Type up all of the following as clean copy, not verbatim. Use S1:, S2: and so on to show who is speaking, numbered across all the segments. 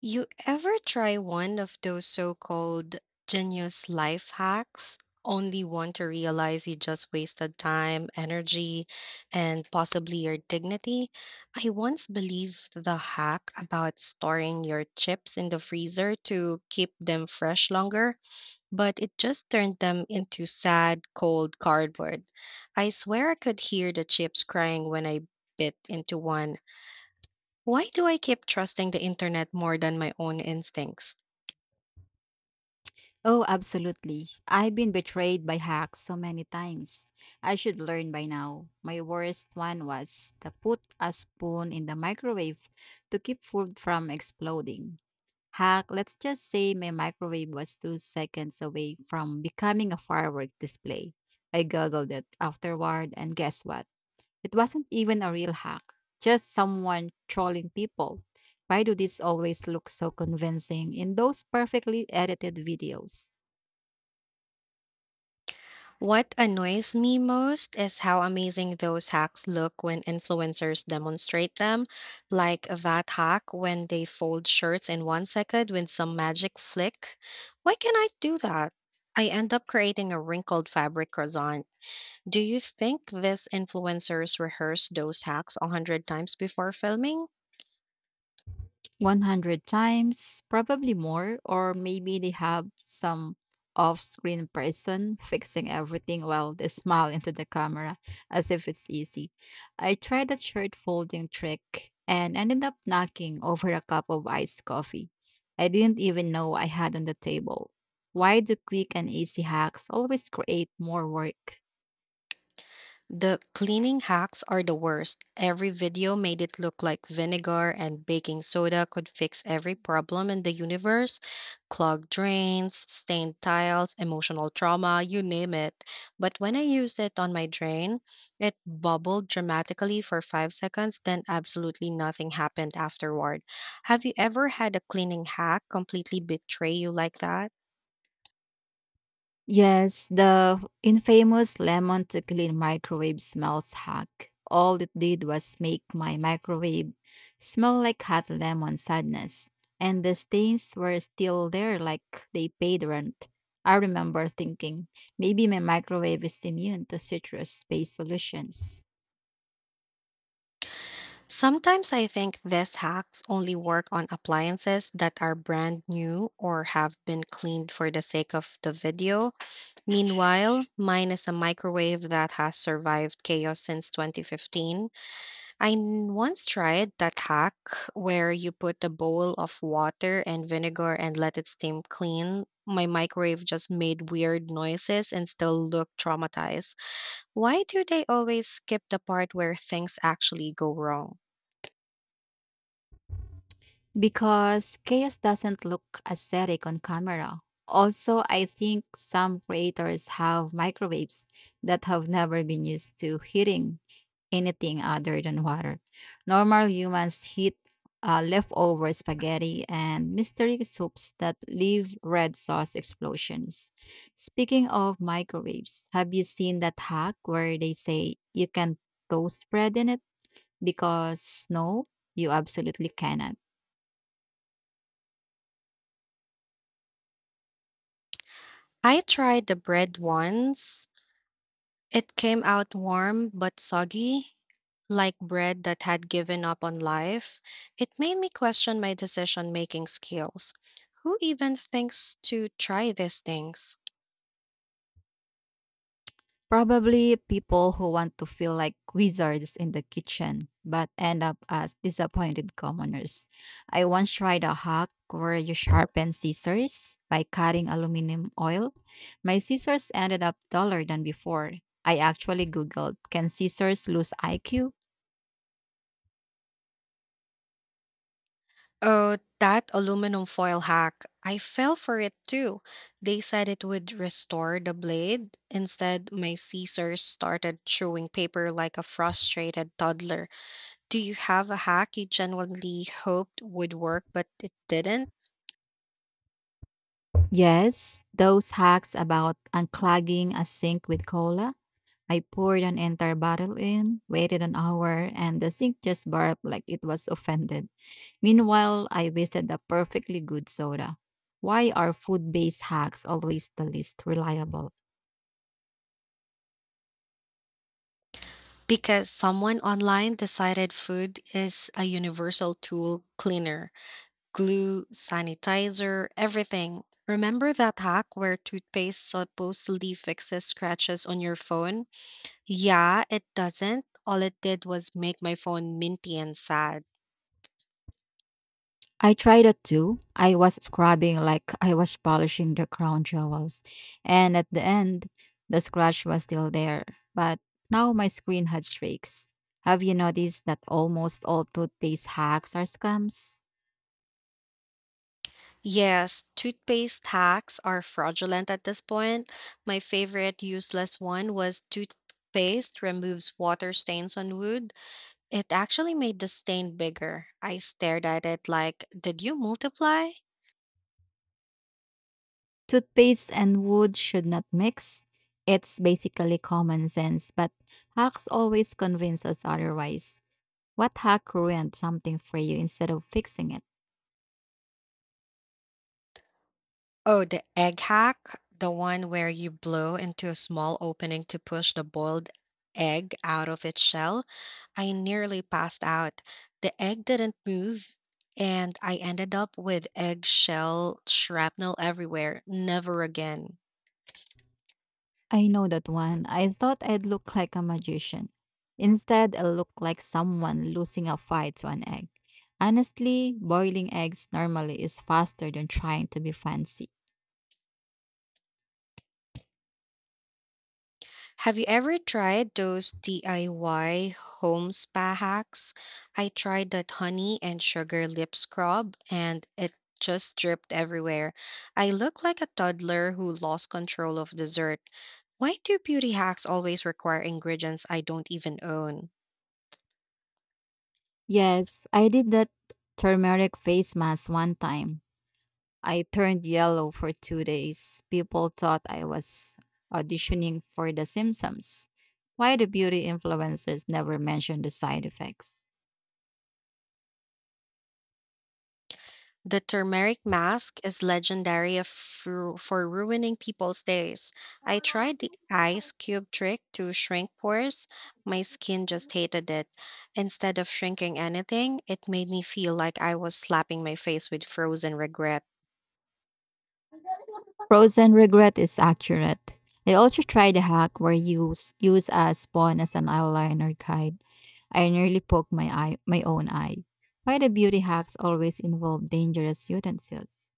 S1: You ever try one of those so called genius life hacks, only one to realize you just wasted time, energy, and possibly your dignity? I once believed the hack about storing your chips in the freezer to keep them fresh longer, but it just turned them into sad, cold cardboard. I swear I could hear the chips crying when I bit into one. Why do I keep trusting the internet more than my own instincts?
S2: Oh, absolutely. I've been betrayed by hacks so many times. I should learn by now. My worst one was to put a spoon in the microwave to keep food from exploding. Hack, let's just say my microwave was 2 seconds away from becoming a firework display. I googled it afterward, and guess what? It wasn't even a real hack, just someone trolling people. Why do these always look so convincing in those perfectly edited videos?
S1: What annoys me most is how amazing those hacks look when influencers demonstrate them, like that hack when they fold shirts in 1 second with some magic flick. Why can I do that? I end up creating a wrinkled fabric croissant. Do you think these influencers rehearse those hacks 100 times before filming?
S2: 100 times, probably more, or maybe they have some off screen person fixing everything while they smile into the camera as if it's easy. I tried that shirt folding trick and ended up knocking over a cup of iced coffee. I didn't even know I had on the table. Why do quick and easy hacks always create more work?
S1: The cleaning hacks are the worst. Every video made it look like vinegar and baking soda could fix every problem in the universe: clogged drains, stained tiles, emotional trauma, you name it. But when I used it on my drain, it bubbled dramatically for 5 seconds, then absolutely nothing happened afterward. Have you ever had a cleaning hack completely betray you like that?
S2: Yes, the infamous lemon to clean microwave smells hack. All it did was make my microwave smell like hot lemon sadness, and the stains were still there like they paid rent. I remember thinking maybe my microwave is immune to citrus based solutions
S1: Sometimes I think these hacks only work on appliances that are brand new or have been cleaned for the sake of the video. Meanwhile, mine is a microwave that has survived chaos since 2015. Once tried that hack where you put a bowl of water and vinegar and let it steam clean. My microwave just made weird noises and still looked traumatized. Why do they always skip the part where things actually go wrong?
S2: because chaos doesn't look aesthetic on camera. Also, I think some creators have microwaves that have never been used to heating anything other than water. Normal humans heat leftover spaghetti and mystery soups that leave red sauce explosions. Speaking of microwaves, have you seen that hack where they say you can toast bread in it? Because no, you absolutely cannot.
S1: I tried the bread once. It came out warm but soggy, like bread that had given up on life. It made me question my decision making skills. Who even thinks to try these things?
S2: Probably people who want to feel like wizards in the kitchen, but end up as disappointed commoners. I once tried a hack where you sharpen scissors by cutting aluminum oil. My scissors ended up taller than before. I actually Googled, can scissors lose IQ?
S1: Oh, that aluminum foil hack. I fell for it too. They said it would restore the blade. Instead, my scissors started chewing paper like a frustrated toddler. Do you have a hack you genuinely hoped would work but it didn't?
S2: Yes, those hacks about unclogging a sink with cola. I poured an entire bottle in, waited an hour, and the sink just barked like it was offended. Meanwhile, I wasted a perfectly good soda. Why are food based hacks always the least reliable?
S1: Because someone online decided food is a universal tool: cleaner, glue, sanitizer, everything. Remember that hack where toothpaste supposedly fixes scratches on your phone? Yeah, it doesn't. All it did was make my phone minty and sad.
S2: I tried it too. I was scrubbing like I was polishing the crown jewels. And at the end, the scratch was still there. But now my screen had streaks. Have you noticed that almost all toothpaste hacks are scams?
S1: Yes, toothpaste hacks are fraudulent at this point. My favorite useless one was toothpaste removes water stains on wood. It actually made the stain bigger. I stared at it like, did you multiply?
S2: Toothpaste and wood should not mix. It's basically common sense, but hacks always convince us otherwise. What hack ruined something for you instead of fixing it?
S1: Oh, the egg hack, the one where you blow into a small opening to push the boiled egg out of its shell. I nearly passed out. The egg didn't move, and I ended up with eggshell shrapnel everywhere. Never again.
S2: I know that one. I thought I'd look like a magician. Instead, I looked like someone losing a fight to an egg. Honestly, boiling eggs normally is faster than trying to be fancy.
S1: Have you ever tried those DIY home spa hacks? I tried that honey and sugar lip scrub, and it just dripped everywhere. I look like a toddler who lost control of dessert. Why do beauty hacks always require ingredients I don't even own?
S2: Yes, I did that turmeric face mask one time. I turned yellow for 2 days. People thought I was auditioning for The Simpsons. Why do beauty influencers never mention the side effects?
S1: The turmeric mask is legendary for ruining people's days. I tried the ice cube trick to shrink pores. My skin just hated it. Instead of shrinking anything, it made me feel like I was slapping my face with frozen regret.
S2: Frozen regret is accurate. I also tried a hack where you use a spawn as an eyeliner guide. I nearly poked my eye, my own eye. Why the beauty hacks always involve dangerous utensils?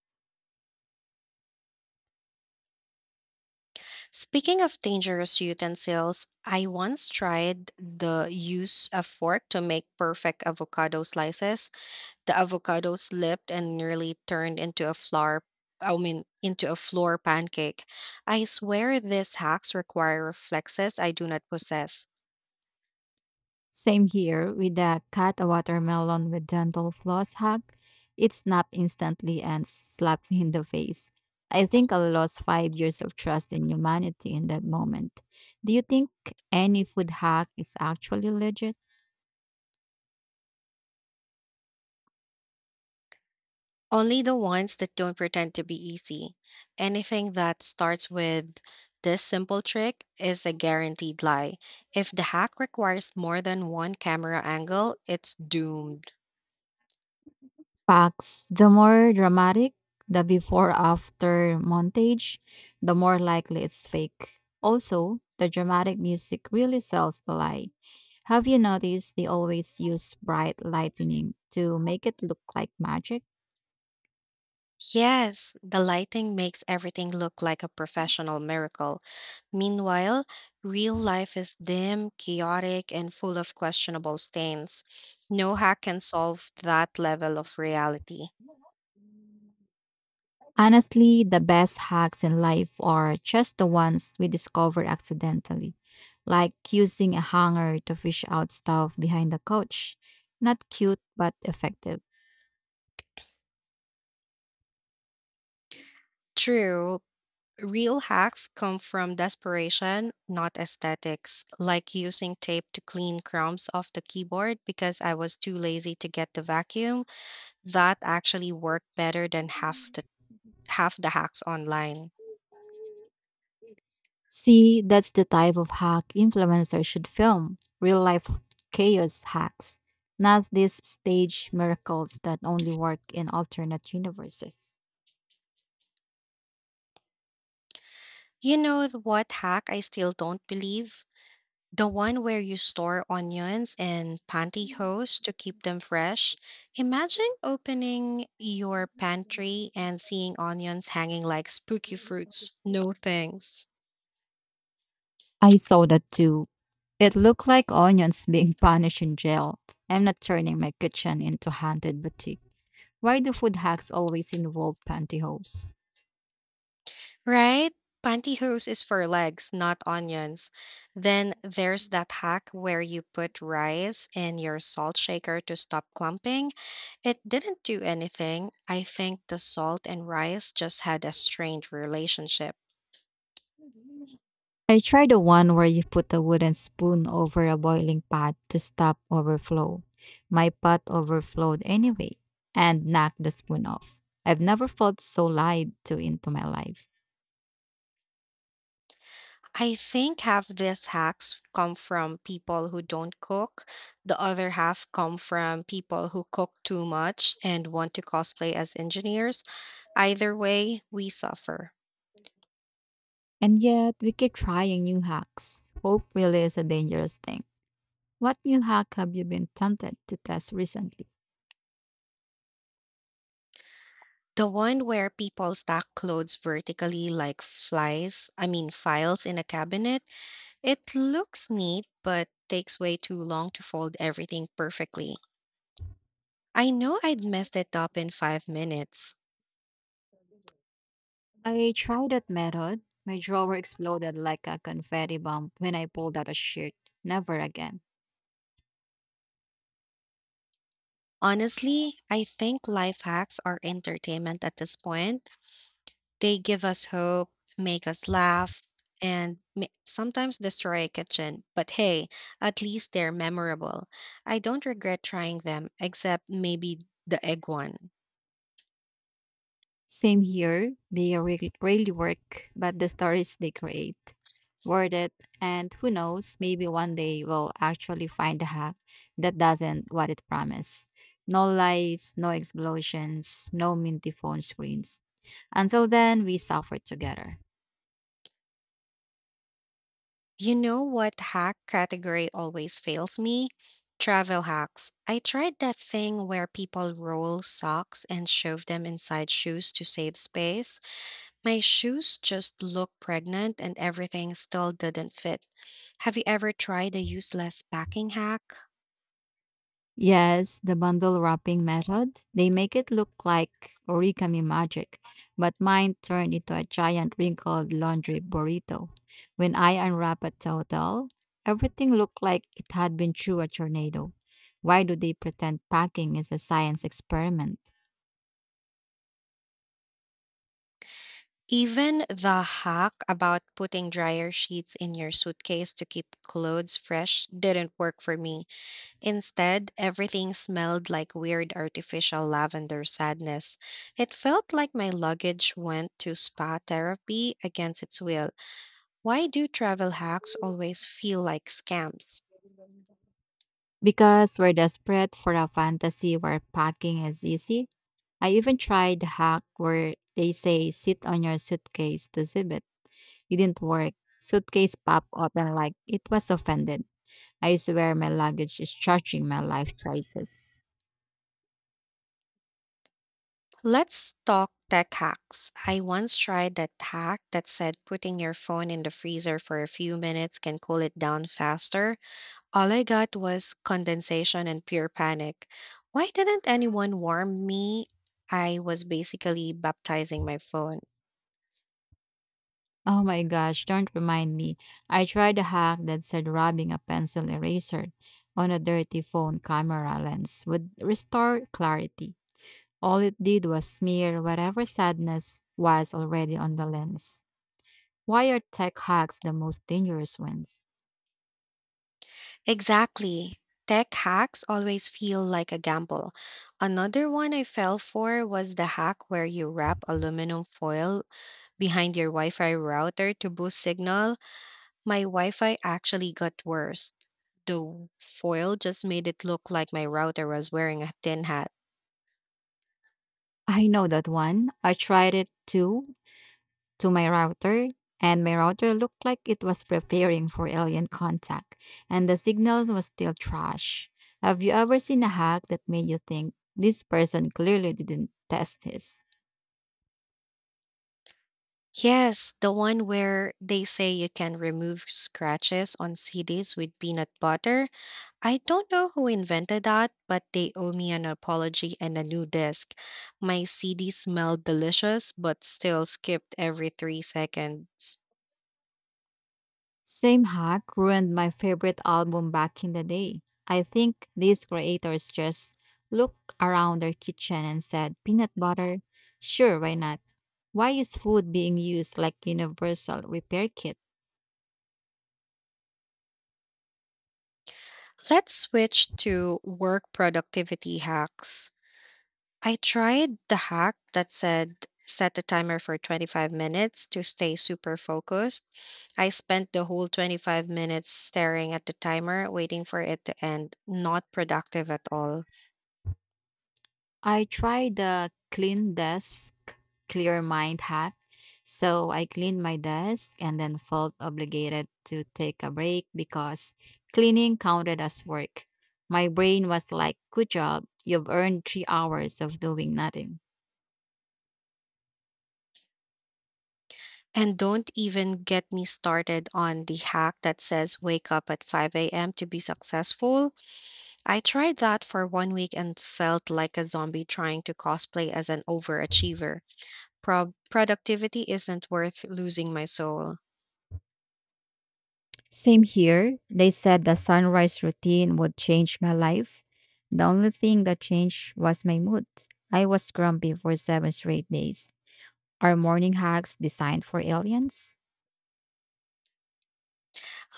S1: Speaking of dangerous utensils, I once tried the use of fork to make perfect avocado slices. The avocado slipped and nearly turned into a flour, I mean into a floor pancake. I swear these hacks require reflexes I do not possess.
S2: Same here with the cat a watermelon with dental floss hug. It snapped instantly and slapped me in the face. I think I lost 5 years of trust in humanity in that moment. Do you think any food hack is actually legit?
S1: Only the ones that don't pretend to be easy. Anything that starts with this simple trick is a guaranteed lie. If the hack requires more than one camera angle, it's doomed.
S2: Facts. The more dramatic the before after montage, the more likely it's fake. Also, the dramatic music really sells the lie. Have you noticed they always use bright lightning to make it look like magic?
S1: Yes, the lighting makes everything look like a professional miracle. Meanwhile, real life is dim, chaotic, and full of questionable stains. No hack can solve that level of reality.
S2: Honestly, the best hacks in life are just the ones we discover accidentally, like using a hanger to fish out stuff behind the couch. Not cute, but effective.
S1: True, real hacks come from desperation, not aesthetics, like using tape to clean crumbs off the keyboard because I was too lazy to get the vacuum. That actually worked better than half the hacks online.
S2: See, that's the type of hack influencers should film real life chaos hacks, not these stage miracles that only work in alternate universes.
S1: What hack I still don't believe? The one where you store onions and pantyhose to keep them fresh. Imagine opening your pantry and seeing onions hanging like spooky fruits. No thanks.
S2: I saw that too. It looked like onions being punished in jail. I'm not turning my kitchen into haunted boutique. Why do food hacks always involve pantyhose?
S1: Right? Pantyhose is for legs, not onions. Then there's that hack where you put rice in your salt shaker to stop clumping. It didn't do anything. I think the salt and rice just had a strained relationship.
S2: I tried the one where you put a wooden spoon over a boiling pot to stop overflow. My pot overflowed anyway and knocked the spoon off. I've never felt so lied to into my life.
S1: I think half these hacks come from people who don't cook. The other half come from people who cook too much and want to cosplay as engineers. Either way, we suffer.
S2: And yet, we keep trying new hacks. Hope really is a dangerous thing. What new hack have you been tempted to test recently?
S1: The one where people stack clothes vertically like flies, I mean files in a cabinet. It looks neat, but takes way too long to fold everything perfectly. I know I'd messed it up in 5 minutes.
S2: I tried that method. My drawer exploded like a confetti bomb when I pulled out a shirt. Never again.
S1: Honestly, I think life hacks are entertainment at this point. They give us hope, make us laugh, and sometimes destroy a kitchen. But hey, at least they're memorable. I don't regret trying them, except maybe the egg one.
S2: Same here. They really work, but the stories they create, worth it. And who knows, maybe one day we'll actually find a hack that doesn't what it promised. No lights, no explosions, no minty phone screens. Until then, we suffer together.
S1: You know what hack category always fails me? Travel hacks. I tried that thing where people roll socks and shove them inside shoes to save space. My shoes just look pregnant and everything still didn't fit. Have you ever tried a useless packing hack?
S2: Yes, the bundle wrapping method. They make it look like origami magic, but mine turned into a giant wrinkled laundry burrito. When I unwrap a total, everything looked like it had been through a tornado. Why do they pretend packing is a science experiment?
S1: Even the hack about putting dryer sheets in your suitcase to keep clothes fresh didn't work for me. Instead, everything smelled like weird artificial lavender sadness. It felt like my luggage went to spa therapy against its will. Why do travel hacks always feel like scams?
S2: Because we're desperate for a fantasy where packing is easy. I even tried the hack where they say sit on your suitcase to zip it. It didn't work. Suitcase popped open like it was offended. I swear my luggage is charging my life choices.
S1: Let's talk tech hacks. I once tried that hack that said putting your phone in the freezer for a few minutes can cool it down faster. All I got was condensation and pure panic. Why didn't anyone warn me? I was basically baptizing my phone.
S2: Oh my gosh, don't remind me. I tried a hack that said rubbing a pencil eraser on a dirty phone camera lens would restore clarity. All it did was smear whatever sadness was already on the lens. Why are tech hacks the most dangerous ones?
S1: Exactly. Tech hacks always feel like a gamble. Another one I fell for was the hack where you wrap aluminum foil behind your Wi Fi router to boost signal. My Wi Fi actually got worse. The foil just made it look like my router was wearing a tin hat.
S2: I know that one. I tried it too, to my router, and my router looked like it was preparing for alien contact, and the signal was still trash. Have you ever seen a hack that made you think this person clearly didn't test his?
S1: Yes, the one where they say you can remove scratches on CDs with peanut butter. I don't know who invented that, but they owe me an apology and a new disc. My CD smelled delicious, but still skipped every 3 seconds.
S2: Same Hack ruined my favorite album back in the day. I think these creators just looked around their kitchen and said, peanut butter? Sure, why not? Why is food being used like universal repair kit?
S1: Let's switch to work productivity hacks. I tried the hack that said set a timer for 25 minutes to stay super focused. I spent the whole 25 minutes staring at the timer, waiting for it to end, not productive at all.
S2: I tried the clean desk, clear mind hack. So I cleaned my desk and then felt obligated to take a break because cleaning counted as work. My brain was like, good job, you've earned 3 hours of doing nothing.
S1: And don't even get me started on the hack that says wake up at 5 a.m. to be successful. I tried that for 1 week and felt like a zombie trying to cosplay as an overachiever. Productivity isn't worth losing my soul.
S2: Same here. They said the sunrise routine would change my life. The only thing that changed was my mood. I was grumpy for 7 straight days. Are morning hacks designed for aliens?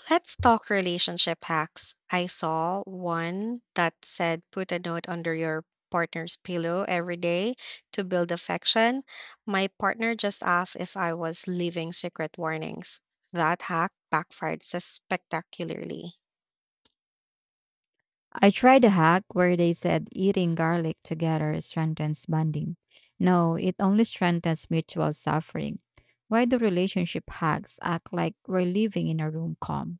S1: Let's talk relationship hacks. I saw one that said put a note under your partner's pillow every day to build affection. My partner just asked if I was leaving secret warnings. That hack backfired spectacularly.
S2: I tried a hack where they said eating garlic together strengthens bonding. No, it only strengthens mutual suffering. Why do relationship hacks act like we're living in a room calm?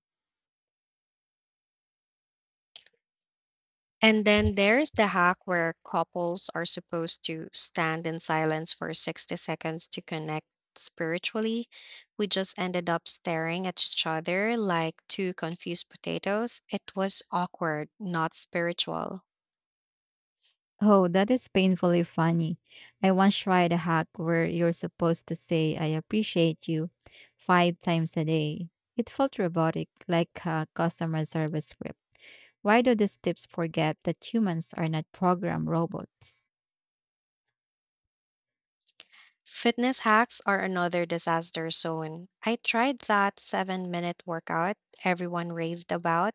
S1: And then there's the hack where couples are supposed to stand in silence for 60 seconds to connect spiritually. We just ended up staring at each other like two confused potatoes. It was awkward, not spiritual.
S2: Oh, that is painfully funny. I once tried a hack where you're supposed to say, I appreciate you 5 times a day. It felt robotic, like a customer service script. Why do these tips forget that humans are not programmed robots?
S1: Fitness hacks are another disaster zone. I tried that 7 minute workout everyone raved about.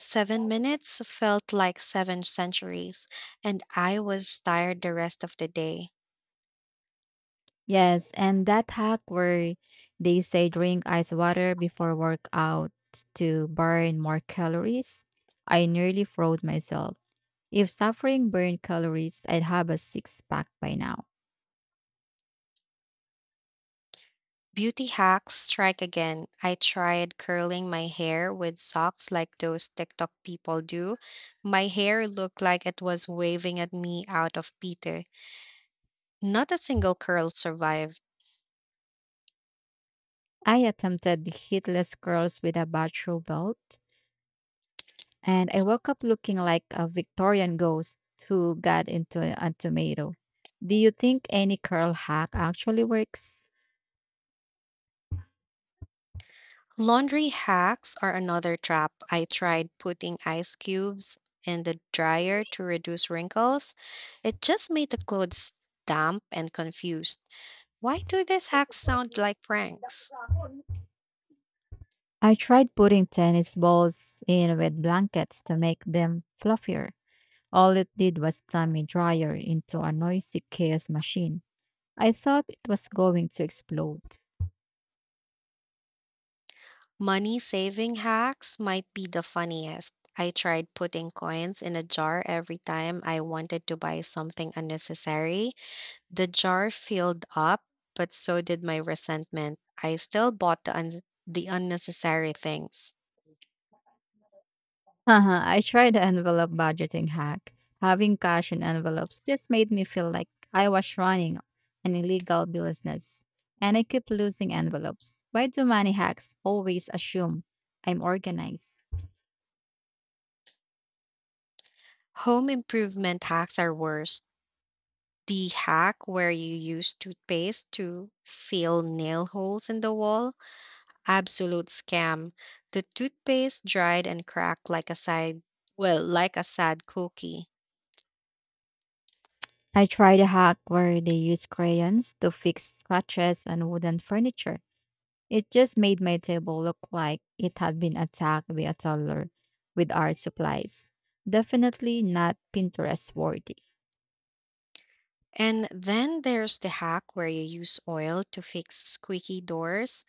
S1: 7 minutes felt like seven centuries, and I was tired the rest of the day.
S2: Yes, and that hack where they say drink ice water before workout to burn more calories, I nearly froze myself. If suffering burned calories, I'd have a six pack by now.
S1: Beauty hacks strike again. I tried curling my hair with socks like those TikTok people do. My hair looked like it was waving at me out of Peter. Not a single curl survived.
S2: I attempted the hitless curls with a bachelor belt, and I woke up looking like a Victorian ghost who got into a tomato. Do you think any curl hack actually works?
S1: Laundry hacks are another trap. I tried putting ice cubes in the dryer to reduce wrinkles. It just made the clothes damp and confused. Why do these hacks sound like pranks?
S2: I tried putting tennis balls in with blankets to make them fluffier. All it did was turn my dryer into a noisy chaos machine. I thought it was going to explode.
S1: Money saving hacks might be the funniest. I tried putting coins in a jar every time I wanted to buy something unnecessary. The jar filled up, but so did my resentment. I still bought the unnecessary things.
S2: Haha, I tried the envelope budgeting hack. Having cash in envelopes just made me feel like I was running an illegal business. And I keep losing envelopes. Why do money hacks always assume I'm organized?
S1: Home improvement hacks are worse. The hack where you use toothpaste to fill nail holes in the wall. Absolute scam. The toothpaste dried and cracked like a like a sad cookie.
S2: I tried a hack where they used crayons to fix scratches on wooden furniture. It just made my table look like it had been attacked by a toddler with art supplies. Definitely not Pinterest worthy.
S1: And then there's the hack where you use oil to fix squeaky doors.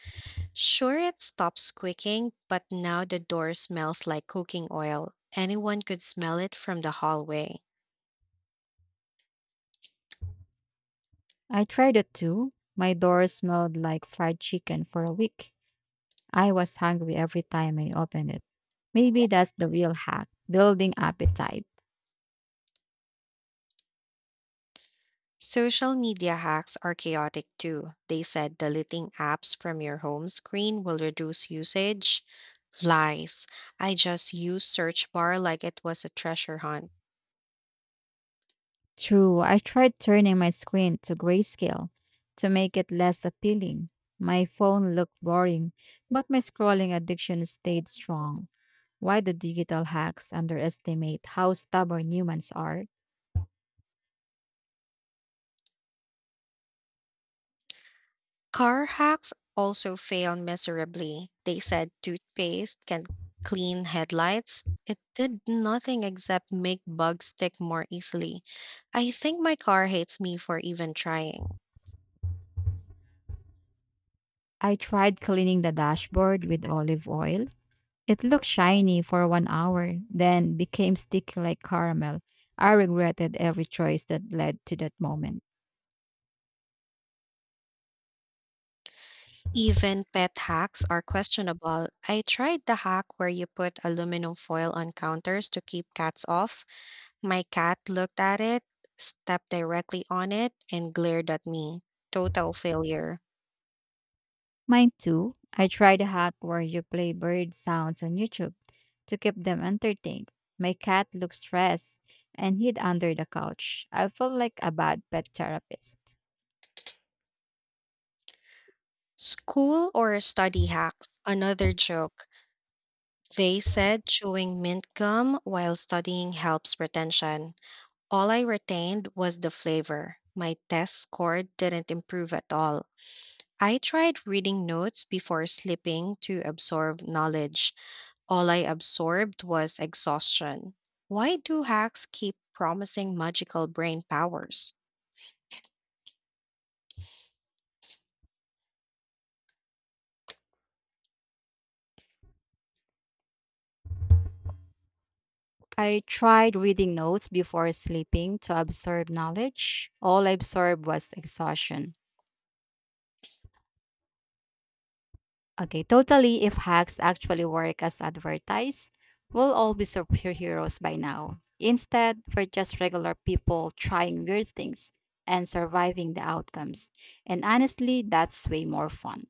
S1: Sure, it stops squeaking, but now the door smells like cooking oil. Anyone could smell it from the hallway.
S2: I tried it too. My door smelled like fried chicken for a week. I was hungry every time I opened it. Maybe that's the real hack building appetite.
S1: Social media hacks are chaotic too. They said deleting apps from your home screen will reduce usage. Lies. I just use search bar like it was a treasure hunt.
S2: True, I tried turning my screen to grayscale to make it less appealing. My phone looked boring, but my scrolling addiction stayed strong. Why do digital hacks underestimate how stubborn humans are?
S1: Car hacks also fail miserably. They said toothpaste can clean headlights. It did nothing except make bugs stick more easily. I think my car hates me for even trying.
S2: I tried cleaning the dashboard with olive oil. It looked shiny for 1 hour, then became sticky like caramel. I regretted every choice that led to that moment.
S1: Even pet hacks are questionable. I tried the hack where you put aluminum foil on counters to keep cats off. My cat looked at it, stepped directly on it, and glared at me. Total failure.
S2: Mine too. I tried a hack where you play bird sounds on YouTube to keep them entertained. My cat looked stressed and hid under the couch. I felt like a bad pet therapist.
S1: School or study hacks? Another joke. They said chewing mint gum while studying helps retention. All I retained was the flavor. My test score didn't improve at all. I tried reading notes before sleeping to absorb knowledge. All I absorbed was exhaustion. Why do hacks keep promising magical brain powers?
S2: I tried reading notes before sleeping to absorb knowledge. All I absorbed was exhaustion. Okay, totally, if hacks actually work as advertised, we'll all be superheroes by now. Instead, we're just regular people trying weird things and surviving the outcomes. And honestly, that's way more fun.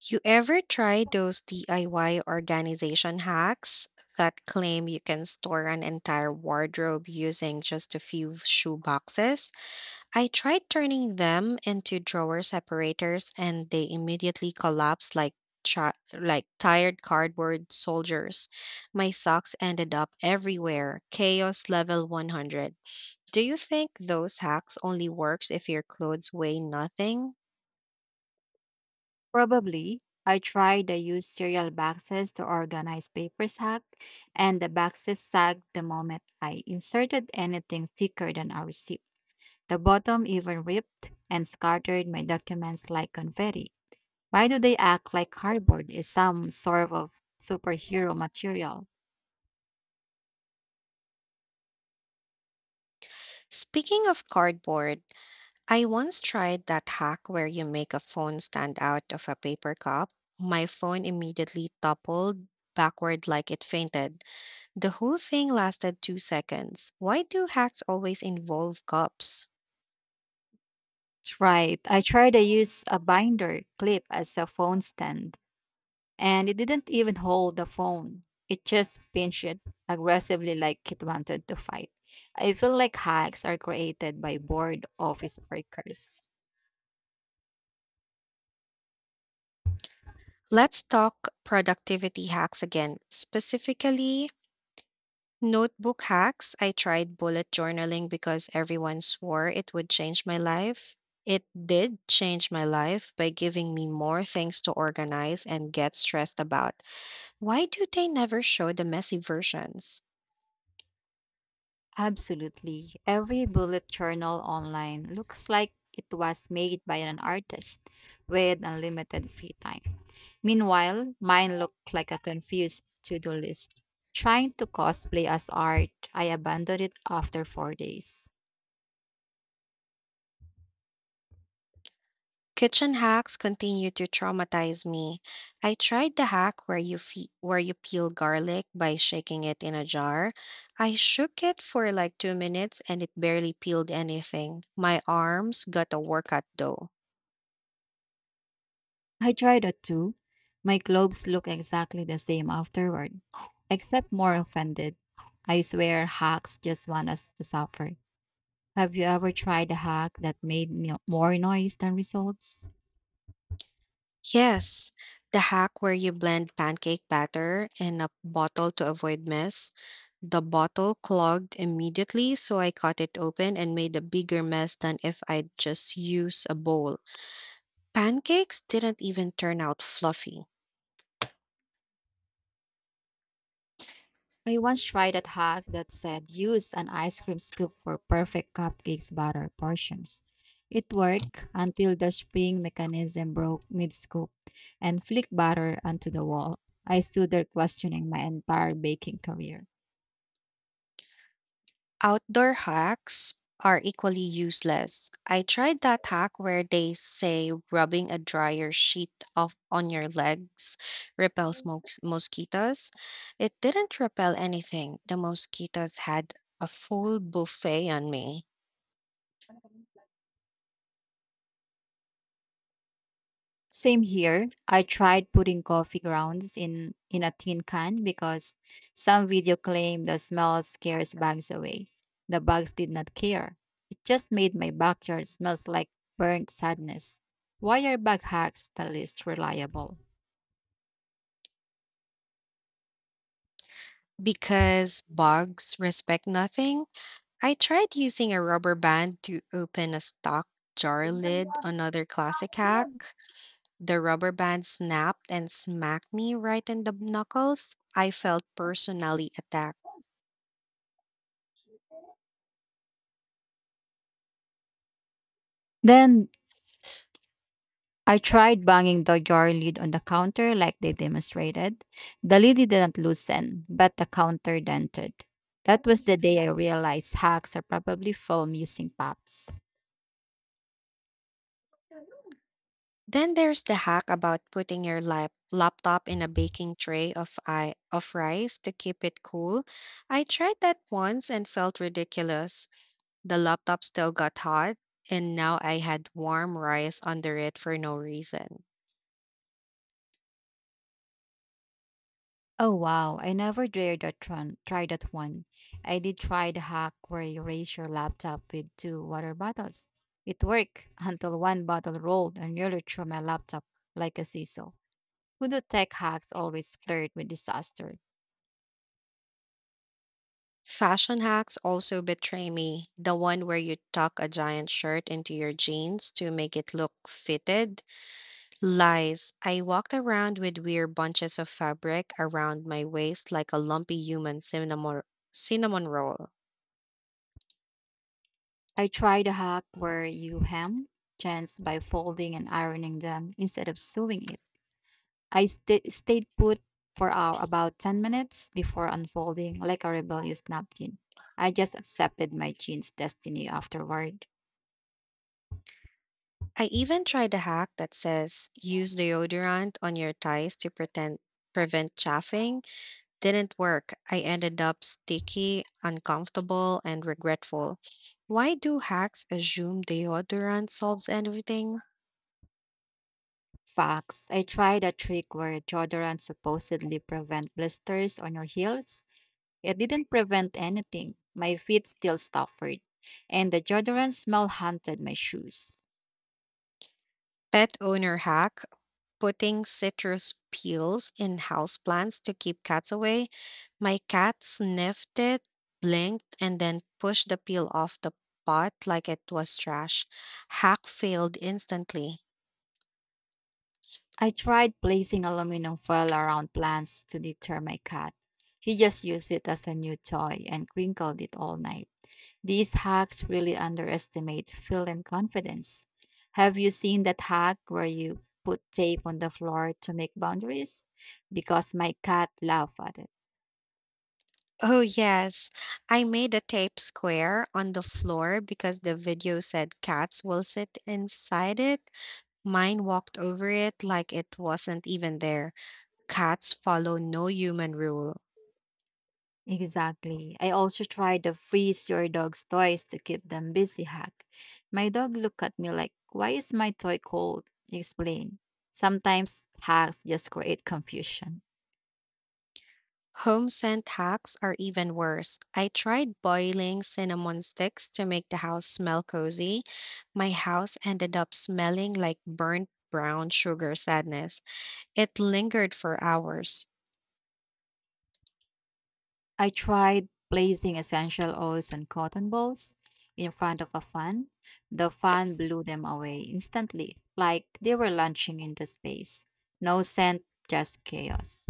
S1: You ever try those DIY organization hacks that claim you can store an entire wardrobe using just a few shoe boxes? I tried turning them into drawer separators and they immediately collapsed like like tired cardboard soldiers. My socks ended up everywhere. Chaos level 100. Do you think those hacks only works if your clothes weigh nothing?
S2: Probably. I tried to use cereal boxes to organize paper sack, and the boxes sagged the moment I inserted anything thicker than a receipt. The bottom even ripped and scattered my documents like confetti. Why do they act like cardboard is some sort of superhero material?
S1: Speaking of cardboard, I once tried that hack where you make a phone stand out of a paper cup. My phone immediately toppled backward like it fainted. The whole thing lasted 2 seconds. Why do hacks always involve cups?
S2: That's right. I tried to use a binder clip as a phone stand, and it didn't even hold the phone. It just pinched it aggressively like it wanted to fight. I feel like hacks are created by bored office workers.
S1: Let's talk productivity hacks again. Specifically, notebook hacks. I tried bullet journaling because everyone swore it would change my life. It did change my life by giving me more things to organize and get stressed about. Why do they never show the messy versions?
S2: Absolutely. Every bullet journal online looks like it was made by an artist with unlimited free time. Meanwhile, mine looked like a confused to do list. Trying to cosplay as art, I abandoned it after four days.
S1: Kitchen hacks continue to traumatize me. I tried the hack where you where you peel garlic by shaking it in a jar. I shook it for like 2 minutes and it barely peeled anything. My arms got a workout though.
S2: I tried that too. My globes look exactly the same afterward, except more offended. I swear hacks just want us to suffer. Have you ever tried a hack that made more noise than results?
S1: Yes, the hack where you blend pancake batter in a bottle to avoid mess. The bottle clogged immediately, so I cut it open and made a bigger mess than if I'd just used a bowl. Pancakes didn't even turn out fluffy.
S2: I once tried a hack that said use an ice cream scoop for perfect cupcakes batter portions. It worked until the spring mechanism broke mid scoop and flicked batter onto the wall. I stood there questioning my entire baking career.
S1: Outdoor hacks are equally useless. I tried that hack where they say rubbing a dryer sheet off on your legs repels mosquitoes. It didn't repel anything. The mosquitoes had a full buffet on me.
S2: Same here. I tried putting coffee grounds in a tin can because some video claimed the smell scares bugs away. The bugs did not care. It just made my backyard smells like burnt sadness. Why are bug hacks the least reliable?
S1: Because bugs respect nothing, I tried using a rubber band to open a stock jar lid, another classic hack. The rubber band snapped and smacked me right in the knuckles. I felt personally attacked.
S2: Then I tried banging the jar lid on the counter like they demonstrated. The lid didn't loosen, but the counter dented. That was the day I realized hacks are probably foam using pops.
S1: Then there's the hack about putting your laptop in a baking tray of of rice to keep it cool. I tried that once and felt ridiculous. The laptop still got hot, and now I had warm rice under it for no reason.
S2: Oh wow, I never dared that one, try that one. I did try the hack where you raise your laptop with two water bottles. It worked until one bottle rolled and nearly threw my laptop like a seesaw. Who do tech hacks always flirt with disaster?
S1: Fashion hacks also betray me. The one where you tuck a giant shirt into your jeans to make it look fitted. Lies. I walked around with weird bunches of fabric around my waist like a lumpy human cinnamon roll.
S2: I tried a hack where you hem jeans by folding and ironing them instead of sewing it. I stayed put for hour, about 10 minutes before unfolding like a rebellious napkin. I just accepted my jeans' destiny afterward.
S1: I even tried a hack that says use deodorant on your thighs to prevent chafing. Didn't work. I ended up sticky, uncomfortable, and regretful. Why do hacks assume deodorant solves everything?
S2: Facts. I tried a trick where deodorant supposedly prevent blisters on your heels. It didn't prevent anything. My feet still suffered, and the deodorant smell haunted my shoes.
S1: Pet owner hack, putting citrus peels in houseplants to keep cats away. My cat sniffed it, blinked, and then pushed the peel off the pot like it was trash. Hack failed instantly.
S2: I tried placing aluminum foil around plants to deter my cat. He just used it as a new toy and crinkled it all night. These hacks really underestimate feel and confidence. Have you seen that hack where you put tape on the floor to make boundaries? Because my cat laughed at it.
S1: Oh, yes. I made a tape square on the floor because the video said cats will sit inside it. Mine walked over it like it wasn't even there. Cats follow no human rule.
S2: Exactly. I also tried the freeze your dog's toys to keep them busy hack. My dog looked at me like, why is my toy cold? Explain. Sometimes hacks just create confusion.
S1: Home scent hacks are even worse. I tried boiling cinnamon sticks to make the house smell cozy. My house ended up smelling like burnt brown sugar sadness. It lingered for hours.
S2: I tried placing essential oils on cotton balls in front of a fan. The fan blew them away instantly, like they were launching into space. No scent, just chaos.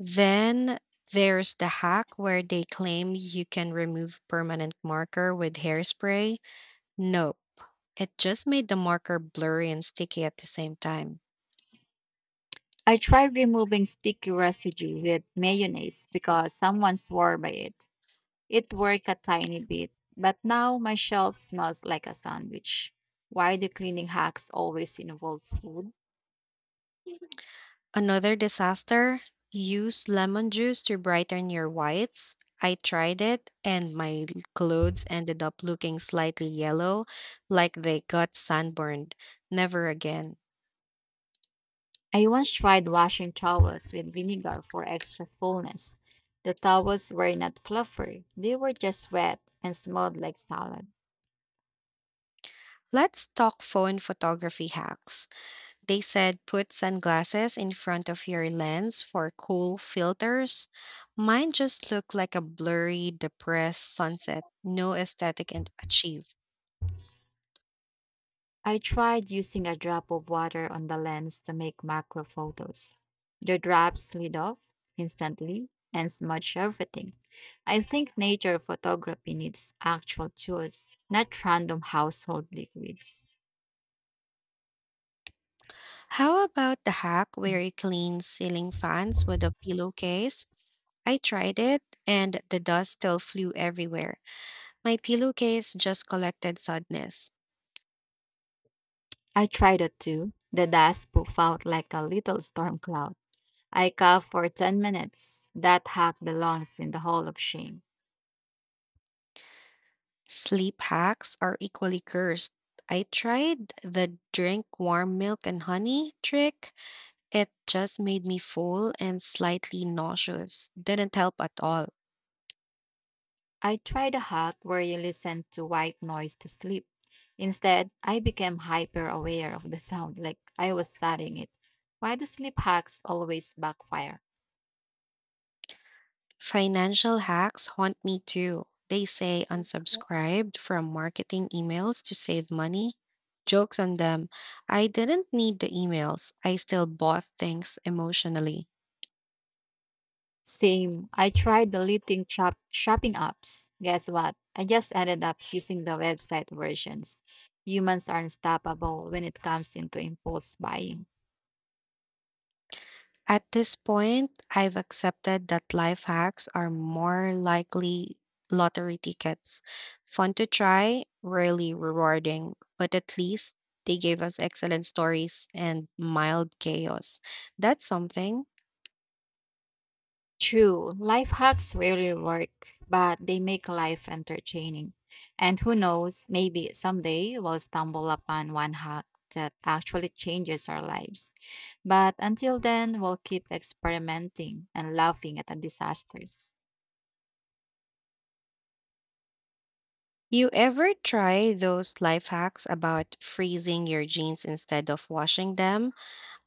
S1: Then there's the hack where they claim you can remove permanent marker with hairspray. Nope, it just made the marker blurry and sticky at the same time.
S2: I tried removing sticky residue with mayonnaise because someone swore by it. It worked a tiny bit, but now my shelf smells like a sandwich. Why do cleaning hacks always involve food?
S1: Another disaster? Use lemon juice to brighten your whites. I tried it and my clothes ended up looking slightly yellow, like they got sunburned. Never again.
S2: I once tried washing towels with vinegar for extra fullness. The towels were not fluffy, they were just wet and smelled like salad.
S1: Let's talk phone photography hacks. They said put sunglasses in front of your lens for cool filters. Mine just looked like a blurry, depressed sunset. No aesthetic and achieved.
S2: I tried using a drop of water on the lens to make macro photos. The drop slid off instantly and smudged everything. I think nature photography needs actual tools, not random household liquids.
S1: How about the hack where you clean ceiling fans with a pillowcase? I tried it and the dust still flew everywhere. My pillowcase just collected sadness.
S2: I tried it too. The dust poof out like a little storm cloud. I coughed for 10 minutes. That hack belongs in the Hall of Shame.
S1: Sleep hacks are equally cursed. I tried the drink warm milk and honey trick. It just made me full and slightly nauseous. Didn't help at all.
S2: I tried a hack where you listen to white noise to sleep. Instead, I became hyper aware of the sound like I was studying it. Why do sleep hacks always backfire?
S1: Financial hacks haunt me too. They say unsubscribed from marketing emails to save money. Jokes on them. I didn't need the emails. I still bought things emotionally.
S2: Same. I tried deleting shopping apps. Guess what? I just ended up using the website versions. Humans are unstoppable when it comes into impulse buying.
S1: At this point, I've accepted that life hacks are more likely lottery tickets. Fun to try, rarely rewarding, but at least they gave us excellent stories and mild chaos. That's something.
S2: True, life hacks rarely work, but they make life entertaining. And who knows, maybe someday we'll stumble upon one hack that actually changes our lives. But until then, we'll keep experimenting and laughing at the disasters.
S1: You ever try those life hacks about freezing your jeans instead of washing them?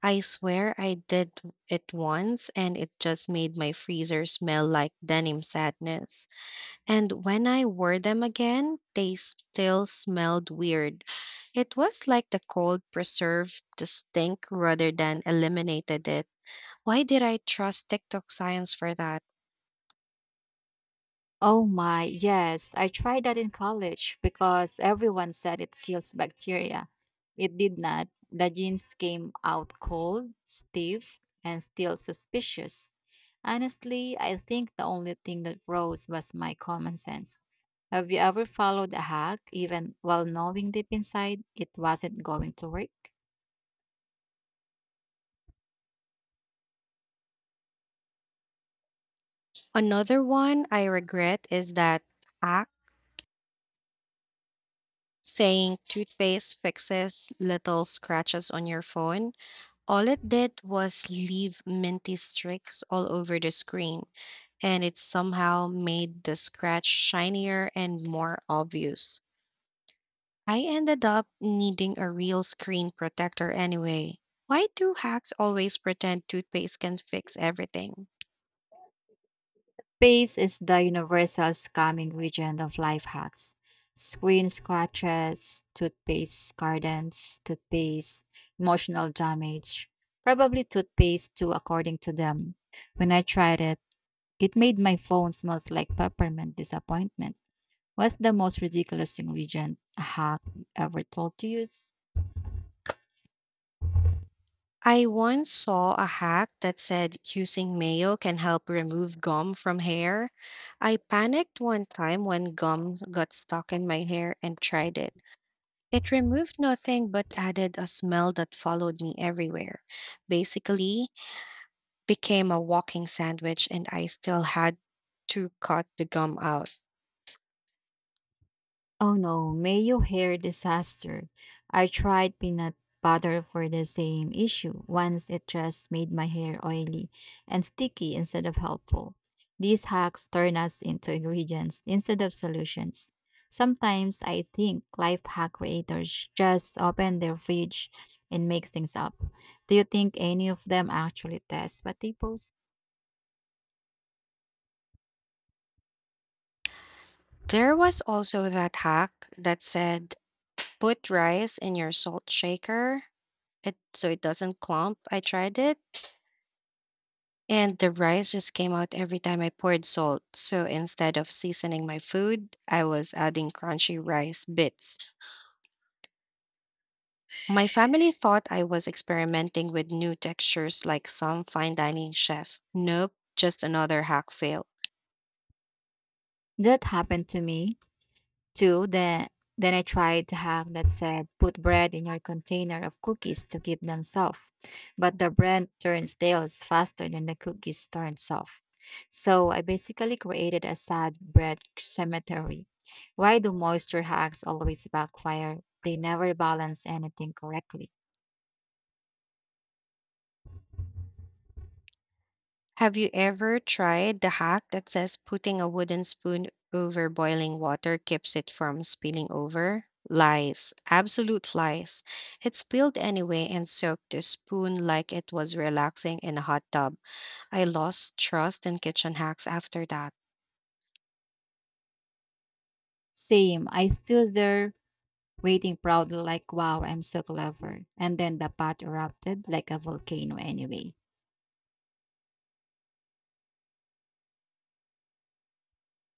S1: I swear I did it once and it just made my freezer smell like denim sadness. And when I wore them again, they still smelled weird. It was like the cold preserved the stink rather than eliminated it. Why did I trust TikTok science for that?
S2: Oh my, yes. I tried that in college because everyone said it kills bacteria. It did not. The genes came out cold, stiff, and still suspicious. Honestly, I think the only thing that rose was my common sense. Have you ever followed a hack, even while knowing deep inside it wasn't going to work?
S1: Another one I regret is that. Act. Saying toothpaste fixes little scratches on your phone. All it did was leave minty streaks all over the screen, and it somehow made the scratch shinier and more obvious. I ended up needing a real screen protector anyway. Why do hacks always pretend toothpaste can fix everything?
S2: Space is the universal scam ingredient of life hacks. Screen scratches, toothpaste gardens, toothpaste, emotional damage. Probably toothpaste too, according to them. When I tried it, it made my phone smells like peppermint disappointment. What's the most ridiculous ingredient a hack ever told to use?
S1: I once saw a hack that said using mayo can help remove gum from hair. I panicked one time when gum got stuck in my hair and tried it. It removed nothing but added a smell that followed me everywhere. Basically, became a walking sandwich and I still had to cut the gum out.
S2: Oh no, mayo hair disaster. I tried peanut butter for the same issue. Once it just made my hair oily and sticky instead of helpful. These hacks turn us into ingredients instead of solutions. Sometimes I think life hack creators just open their fridge and make things up. Do you think any of them actually test what they post?
S1: There was also that hack that said put rice in your salt shaker it so it doesn't clump. I tried it. And the rice just came out every time I poured salt. So instead of seasoning my food, I was adding crunchy rice bits. My family thought I was experimenting with new textures like some fine dining chef. Nope, just another hack fail.
S2: That happened to me. Two, then I tried the hack that said put bread in your container of cookies to keep them soft. But the bread turns stale faster than the cookies turn soft. So I basically created a sad bread cemetery. Why do moisture hacks always backfire? They never balance anything correctly.
S1: Have you ever tried the hack that says putting a wooden spoon over boiling water keeps it from spilling over? Lies, absolute lies. It spilled anyway and soaked the spoon like it was relaxing in a hot tub. I lost trust in kitchen hacks after that.
S2: Same, I stood there waiting proudly like wow, I'm so clever. And then the pot erupted like a volcano anyway.